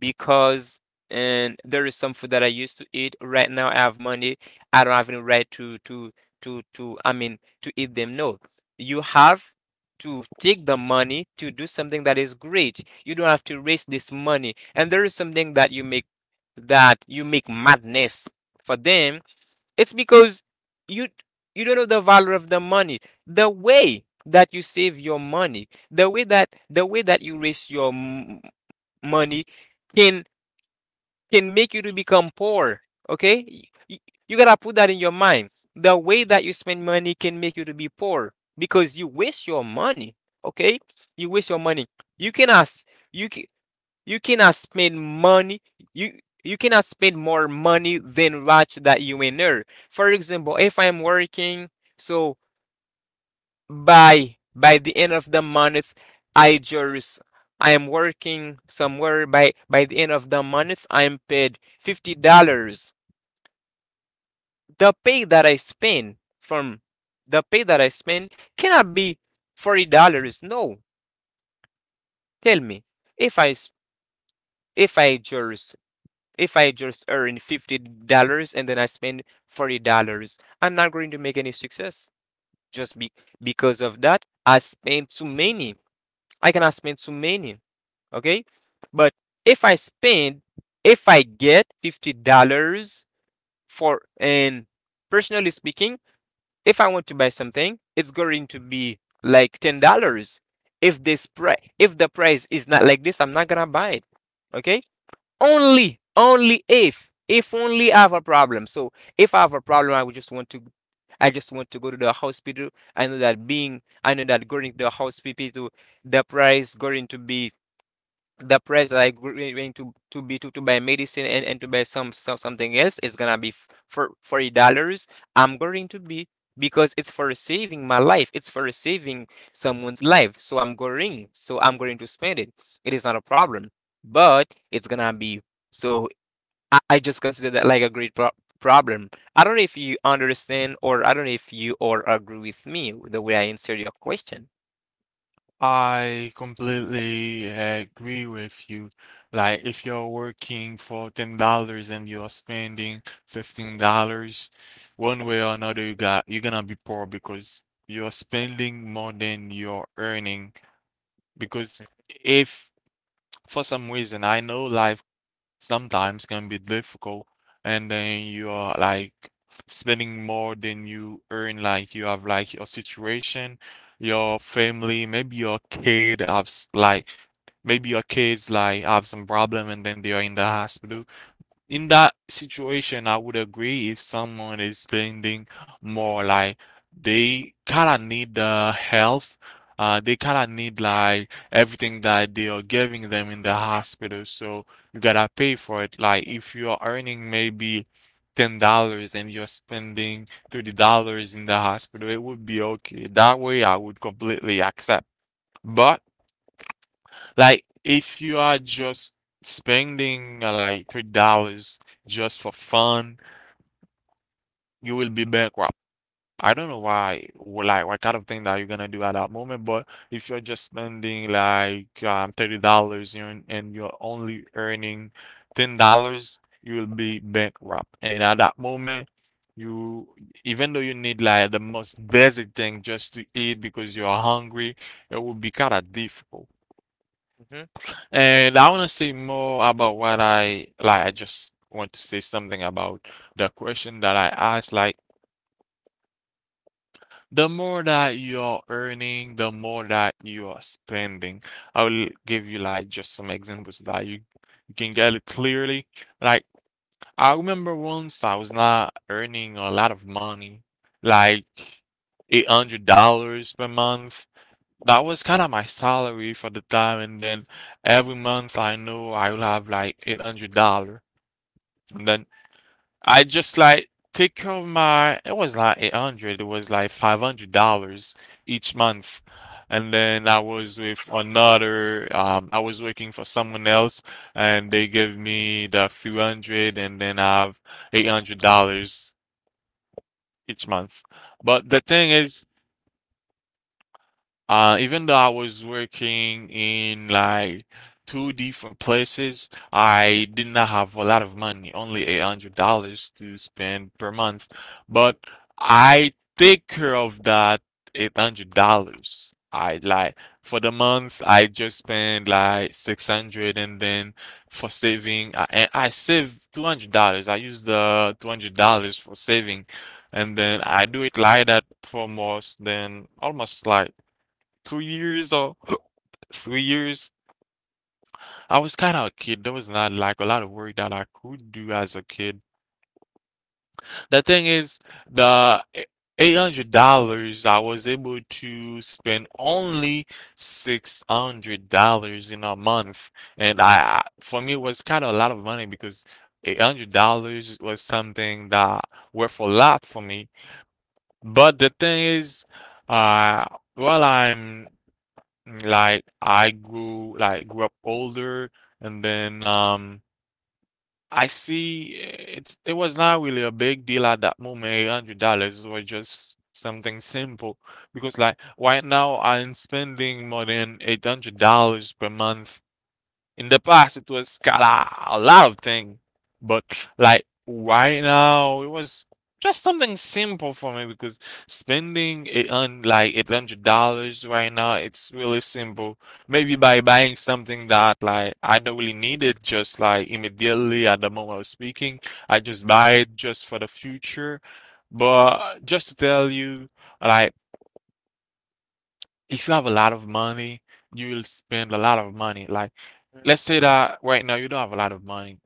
S2: because and there is some food that I used to eat. Right now I have money, I don't have any right to to eat them. No, you have to take the money to do something that is great. You don't have to waste this money. And there is something that you make, that you make madness for them. It's because you you don't know the value of the money. The way that you save your money, the way that you raise your money can can make you to become poor. Okay? You gotta put that in your mind. The way that you spend money can make you to be poor because you waste your money. Okay? You waste your money. You can ask you can, you cannot spend money. You cannot spend more money than what that you earn. For example, if I'm working, so by the end of the month, I just, I am working somewhere. By the end of the month, I am paid $50. The pay that I spend from the pay that I spend cannot be $40. No, tell me if I s- if I just, if I just earn $50 and then I spend $40, I'm not going to make any success. Just be because of that, I spend too many. I cannot spend too many. Okay, but if I spend, if I get $50 for, and personally speaking, if I want to buy something, it's going to be like $10. If this price, if the price is not like this, I'm not gonna buy it. Okay, only only if only I have a problem. So if I have a problem, I would just want to, I just want to go to the hospital. I know that going to the hospital, the price going to be, the price that I going to buy medicine and to buy some something else is gonna be for $40. I'm going to be because it's for saving my life. It's for saving someone's life. So I'm going. So I'm going to spend it. It is not a problem, but it's gonna be. So I just consider that like a great problem. I don't know if you understand or I don't know if you or agree with me with the way I answered your question.
S1: I completely agree with you. Like, if you're working for $10 and you're spending $15, one way or another, you're gonna be poor because you're spending more than you're earning. Because if for some reason, I know life sometimes can be difficult, and then you are like spending more than you earn, like you have like your situation, your family, maybe your kid have like maybe your kids like have some problem, and then they are in the hospital. In that situation, I would agree if someone is spending more. Like, they kind of need the help. They kind of need like everything that they are giving them in the hospital. So you gotta pay for it. Like, if you are earning maybe $10 and you're spending $30 in the hospital, it would be okay. That way, I would completely accept. But like, if you are just spending like $3 just for fun, you will be bankrupt. I don't know why, like what kind of thing that you're gonna do at that moment. But if you're just spending like $30, and you're only earning $10, you will be bankrupt. And at that moment, you even though you need like the most basic thing just to eat because you're hungry, it will be kind of difficult.
S2: Mhm.
S1: And I want to say more about what I like. I just want to say something about the question that I asked. Like, the more that you're earning, the more that you are spending. I will give you like just some examples that you can get it clearly. Like, I remember once I was not earning a lot of money, like $800 per month. That was kind of my salary for the time, and then every month I know I will have like $800, and then I just like take care of my. It was like 800. It was like $500 each month, and then I was with another. I was working for someone else, and they gave me the few hundred, and then I have $800 each month. But the thing is. Even though I was working in like two different places, I did not have a lot of money, only $800 to spend per month. But I take care of that $800. I like for the month, I just spend like 600, and then for saving, and I save $200. I use the $200 for saving, and then I do it like that for most than almost like 2 years or 3 years. I was kind of a kid. There was not like a lot of work that I could do as a kid. The thing is, the $800, I was able to spend only $600 in a month. And for me, it was kind of a lot of money because $800 was something that worth a lot for me. But the thing is, uh, while I'm like I grew like grew up older, and then I see, it was not really a big deal at that moment. $800 was just something simple because like right now I'm spending more than $800 per month. In the past, it was kinda a lot of things, but like right now, it was just something simple for me, because spending it on like $800 right now, it's really simple. Maybe by buying something that like I don't really need it, just like immediately at the moment of speaking, I just buy it just for the future. But just to tell you, like, if you have a lot of money, you will spend a lot of money. Like,
S2: Mhm.
S1: let's say that right now you don't have a lot of money.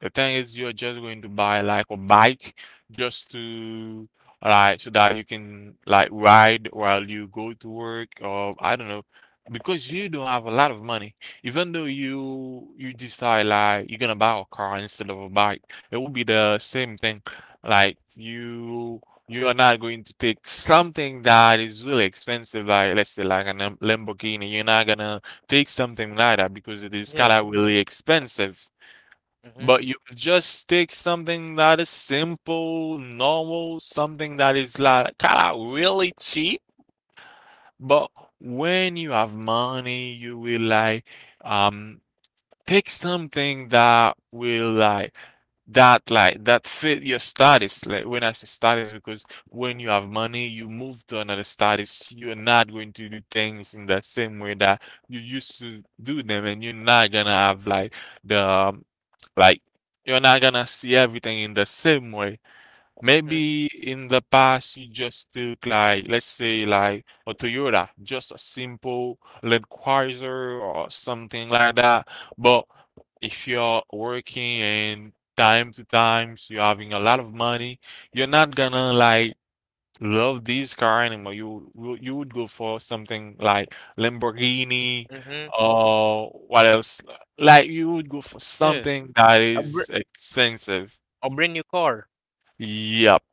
S1: The thing is, you're just going to buy like a bike just to like so that you can like ride while you go to work, or I don't know. Because you don't have a lot of money, even though you decide like you're gonna buy a car instead of a bike, it will be the same thing. Like, you are not going to take something that is really expensive, like let's say like a Lamborghini. You're not gonna take something like that because it is kind
S2: Yeah.
S1: of really expensive.
S2: Mhm.
S1: But you just take something that is simple, normal, something that is like kind of really cheap. But when you have money, you will like um take something that will like that fit your status. Like, when I say status, because when you have money, you move to another status. You're not going to do things in the same way that you used to do them, and you're not gonna have like the like you're not gonna see everything in the same way.
S2: Mhm.
S1: Maybe in the past, you just took like, let's say like a Toyota, just a simple Land Cruiser or something like that. But if you're working and time to times you're having a lot of money, you're not gonna like love this car anymore. You would go for something like Lamborghini,
S2: Mhm.
S1: or what else? Like, you would go for
S2: Yeah.
S1: something that
S2: A br
S1: is expensive.
S2: a brand new car.
S1: Yep,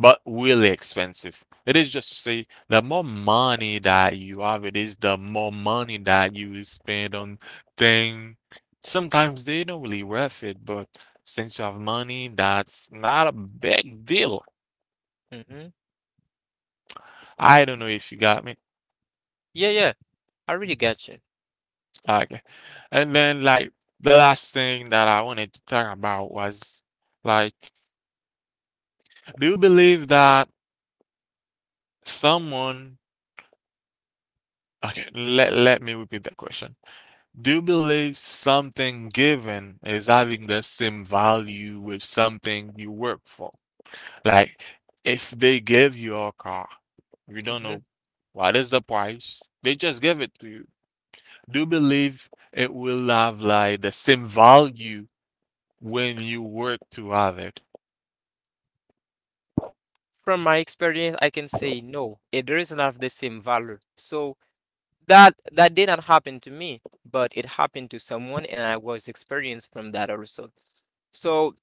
S1: but really expensive. It is just to say, the more money that you have, it is the more money that you will spend on things. Sometimes they don't really worth it, but since you have money, that's not a big deal.
S2: Mhm.
S1: I don't know if you got me.
S2: Yeah, yeah. I really get you.
S1: Okay. And then, like, the last thing that I wanted to talk about was, like, do you believe that someone, okay, let me repeat that question. Do you believe something given is having the same value with something you work for? Like, if they give you a car, you don't
S2: Hmm.
S1: know what is the price, they just give it to you. Do you believe it will have like the same value when you work to have it?
S2: From my experience, I can say no, it doesn't have the same value. So that did not happen to me, but it happened to someone, and I was experienced from that also. So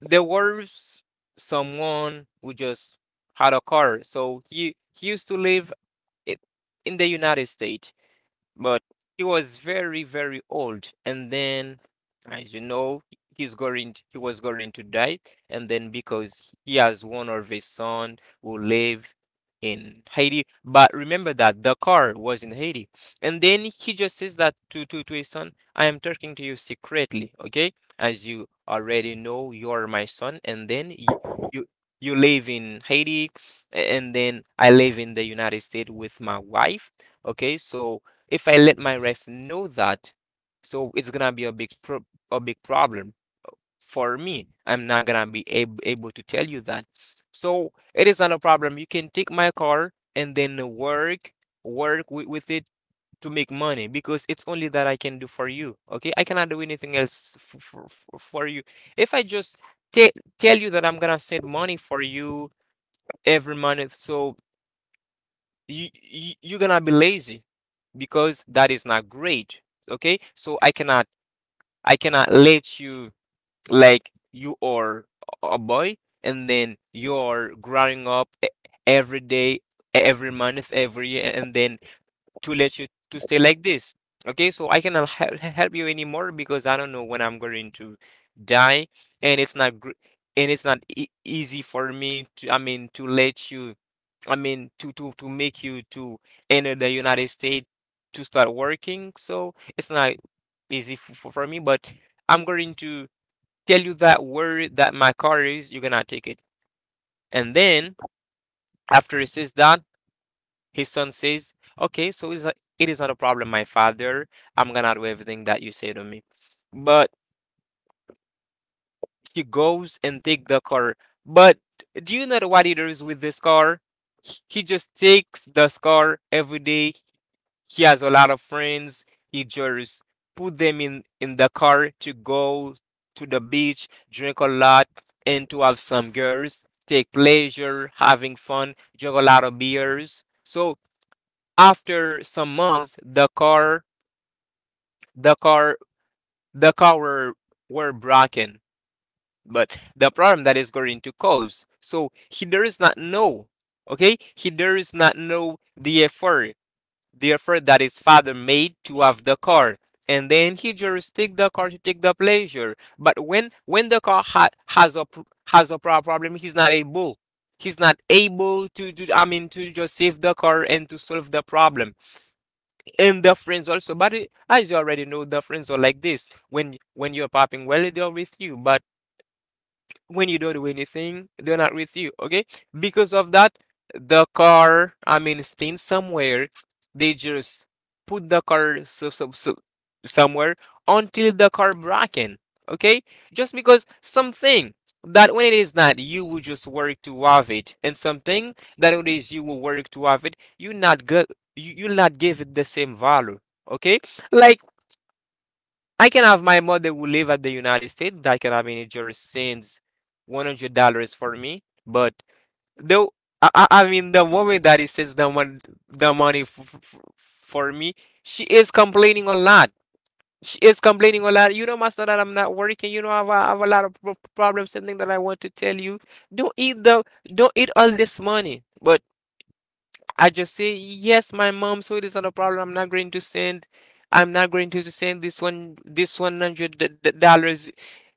S2: there was someone who just had a car. So he used to live i- in the United States. But he was very, very old, and then as you know, he was going to die. And then because he has one of his son who live in Haiti, but remember that the car was in Haiti. And then he just says that to his son, "I am talking to you secretly, okay? As you already know, you are my son, and then you, you live in Haiti, and then I live in the United States with my wife, okay? So if I let my ref know that, so it's gonna be a big problem for me. I'm not gonna be able to tell you that. So it is not a problem. You can take my car and then work with it to make money, because it's only that I can do for you. Okay, I cannot do anything else for you. If I just te- tell you that I'm gonna send money for you every month, so you're gonna be lazy because that is not great. Okay, so I cannot let you. Like, you are a boy and then you're growing up every day, every month, every year, and then to let you to stay like this. Okay, so I cannot help you anymore because I don't know when I'm going to die, and it's not easy for me to, I mean, to let you, I mean, to make you to enter the United States to start working. So it's not easy for me, but I'm going to tell you that word that my car is. You're gonna take it." And then after it says that, his son says, "Okay, so it is not a problem, my father. I'm gonna do everything that you say to me." But he goes and take the car. But do you know what he does with this car? He just takes the car every day. He has a lot of friends. He just put them in the car to go to the beach, drink a lot, and to have some girls, take pleasure, having fun, drink a lot of beers. So after some months, the car, the car were broken, but the problem that is going to cause. So he does not know, okay? He does not know the effort that his father made to have the car. And then he just take the car to take the pleasure. But when the car ha- has a pr- has a pro- problem, he's not able to do, I mean, to just save the car and to solve the problem. And the friends also, but as you already know, the friends are like this. When you're popping well, they're with you, but when you don't do anything, they're not with you, okay? Because of that, the car, I mean, staying somewhere, they just put the car somewhere until the car broken, okay? Just because something that when it is not, you will just work to have it, and something that when it is, you will work to have it, you not give it the same value, okay? Like, I can have my mother who live at the United States, that can have any jury, sends $100 for me. But though I mean the woman that he sends the mon the money for me, she is complaining a lot. She is complaining a lot. "You know, master, that I'm not working. You know, I have, I have a lot of problems. Something that I want to tell you. Don't eat the don't eat all this money." But I just say, "Yes, my mom, so it is not a problem. I'm not going to send this this 100 dollars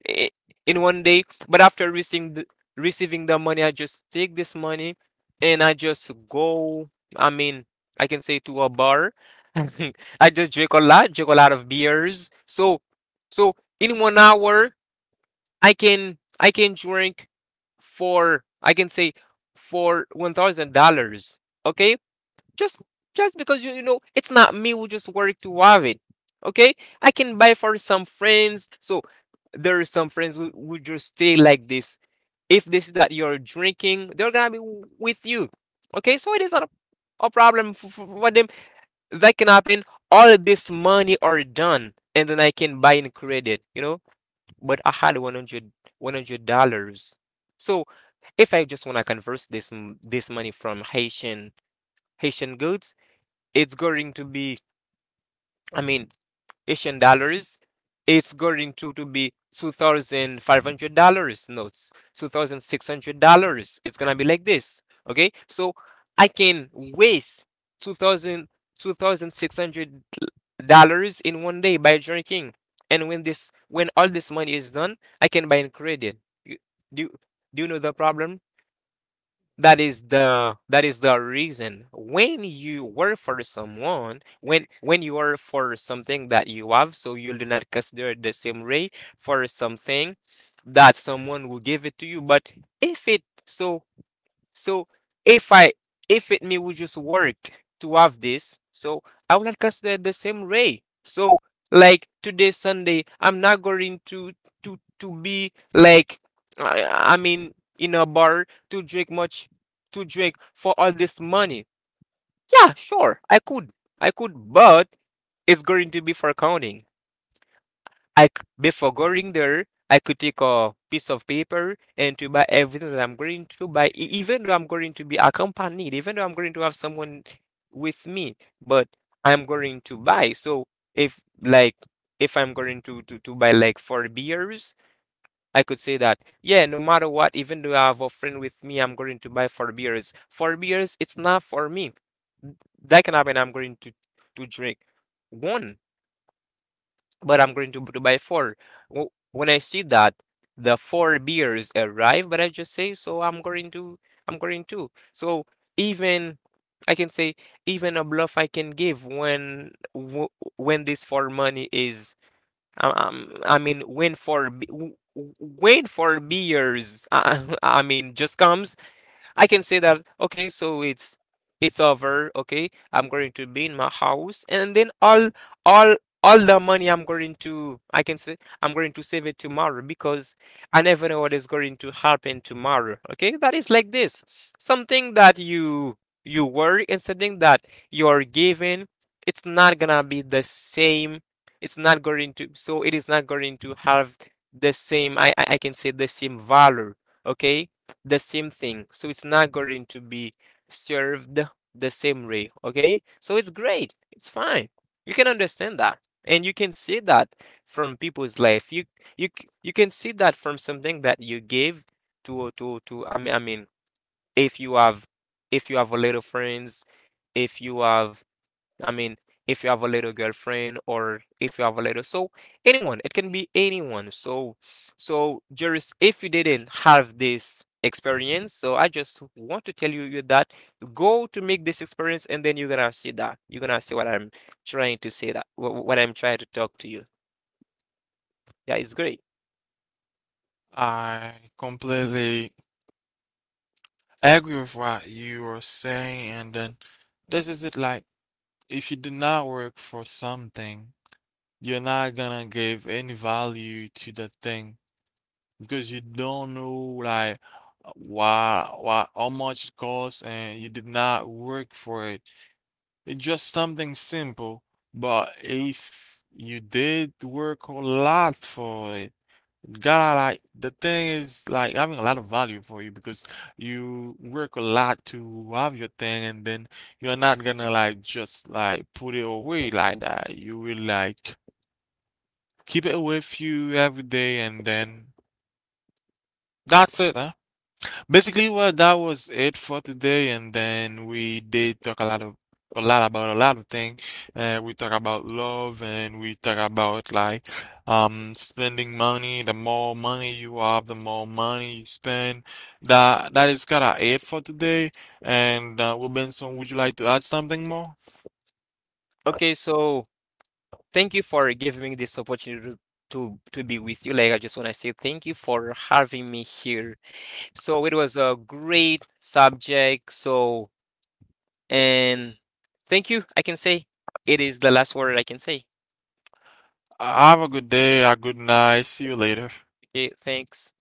S2: i- in one day." But after receiving the money, I just take this money and I just go. I mean, I can say, to a bar. I just drink a lot of beers. So, so in one hour, I can drink for, I can say, for $1,000. Okay, just just because you know it's not me who just work to have it, okay. I can buy for some friends. So there are some friends who just stay like this. If this is that you're drinking, they're gonna be with you, okay? So it is not a problem for them. That can happen, all this money are done, and then I can buy in credit, but I had 100 dollars. So if I just want to converse this this money from haitian goods, it's going to be, I mean, asian dollars. It's to be $2,500 notes, $2,600. It's gonna be like this. Okay, so I can waste two thousand two thousand six hundred dollars in one day by drinking. And when this when all this money is done, I can buy in credit. You- do, do you know the problem, that is the reason, when you work for someone, when you work for something that you have, so you do not consider the same rate for something that someone will give it to you. But if it, so, so if I, if it me would just worked to have this, so I will not consider it the same way. So like today Sunday, I'm not going to be like, I mean, in a bar to drink much, to drink for all this money. Yeah, sure, I could. I could, but it's going to be for counting. I c- Before going there, I could take a piece of paper and to buy everything that I'm going to buy, even though I'm going to be accompanied, even though I'm going to have someone with me, but I'm going to buy. So if like if I'm going to buy like four beers, I could say that, yeah, no matter what, even though I have a friend with me, I'm going to buy four beers. Four beers, it's not for me. That can happen, I'm going to drink one, but I'm going to buy four. When I see that the four beers arrive, but I just say, so I'm going to. So, even I can say, even a bluff I can give, when when this for money is um, um, I mean, when for beers, I mean, just comes, I can say that, "Okay, so it's over, okay? I'm going to be in my house, and then all all the money, I can say, I'm going to save it tomorrow, because I never know what is going to happen tomorrow." Okay? That is like this. Something that you worry, and something that you're given, it's not gonna be the same. It's not going to, so it is not going to have the same, I can say, the same value. Okay? The same thing. So it's not going to be served the same way. Okay. So it's great. It's fine. You can understand that. And you can see that from people's life. You you can see that from something that you gave to, I mean, if you have, a little friends. If you have, I mean, if you have a little girlfriend, or if you have a little, so anyone, it can be anyone. So, Juris, if you didn't have this experience, so I just want to tell you that go to make this experience, and then you're gonna see that you're gonna see what I'm trying to say, that what I'm trying to talk to you. Yeah, it's great.
S1: I completely agree with what you are saying, and then this is it. Like, if you do not work for something, you're not gonna give any value to the thing, because you don't know like why how much it costs and you did not work for it. It's just something simple, but if you did work a lot for it, gotta like the thing is like having a lot of value for you, because you work a lot to have your thing, and then you're not gonna like just like put it away like that. You will like keep it with you every day. And then that's it, huh? Basically, well, that was it for today, and then we did talk a lot about a lot of things. We talk about love, and we talk about like spending money. The more money you have, the more money you spend. That is kind of it for today. And Robinson, would you like to add something more?
S2: Okay, so thank you for giving me this opportunity to be with you. Like, I just want to say thank you for having me here. So it was a great subject. So, and thank you. I can say it is the last word I can say.
S1: Have a good day, a good night. See you later.
S2: Okay, thanks.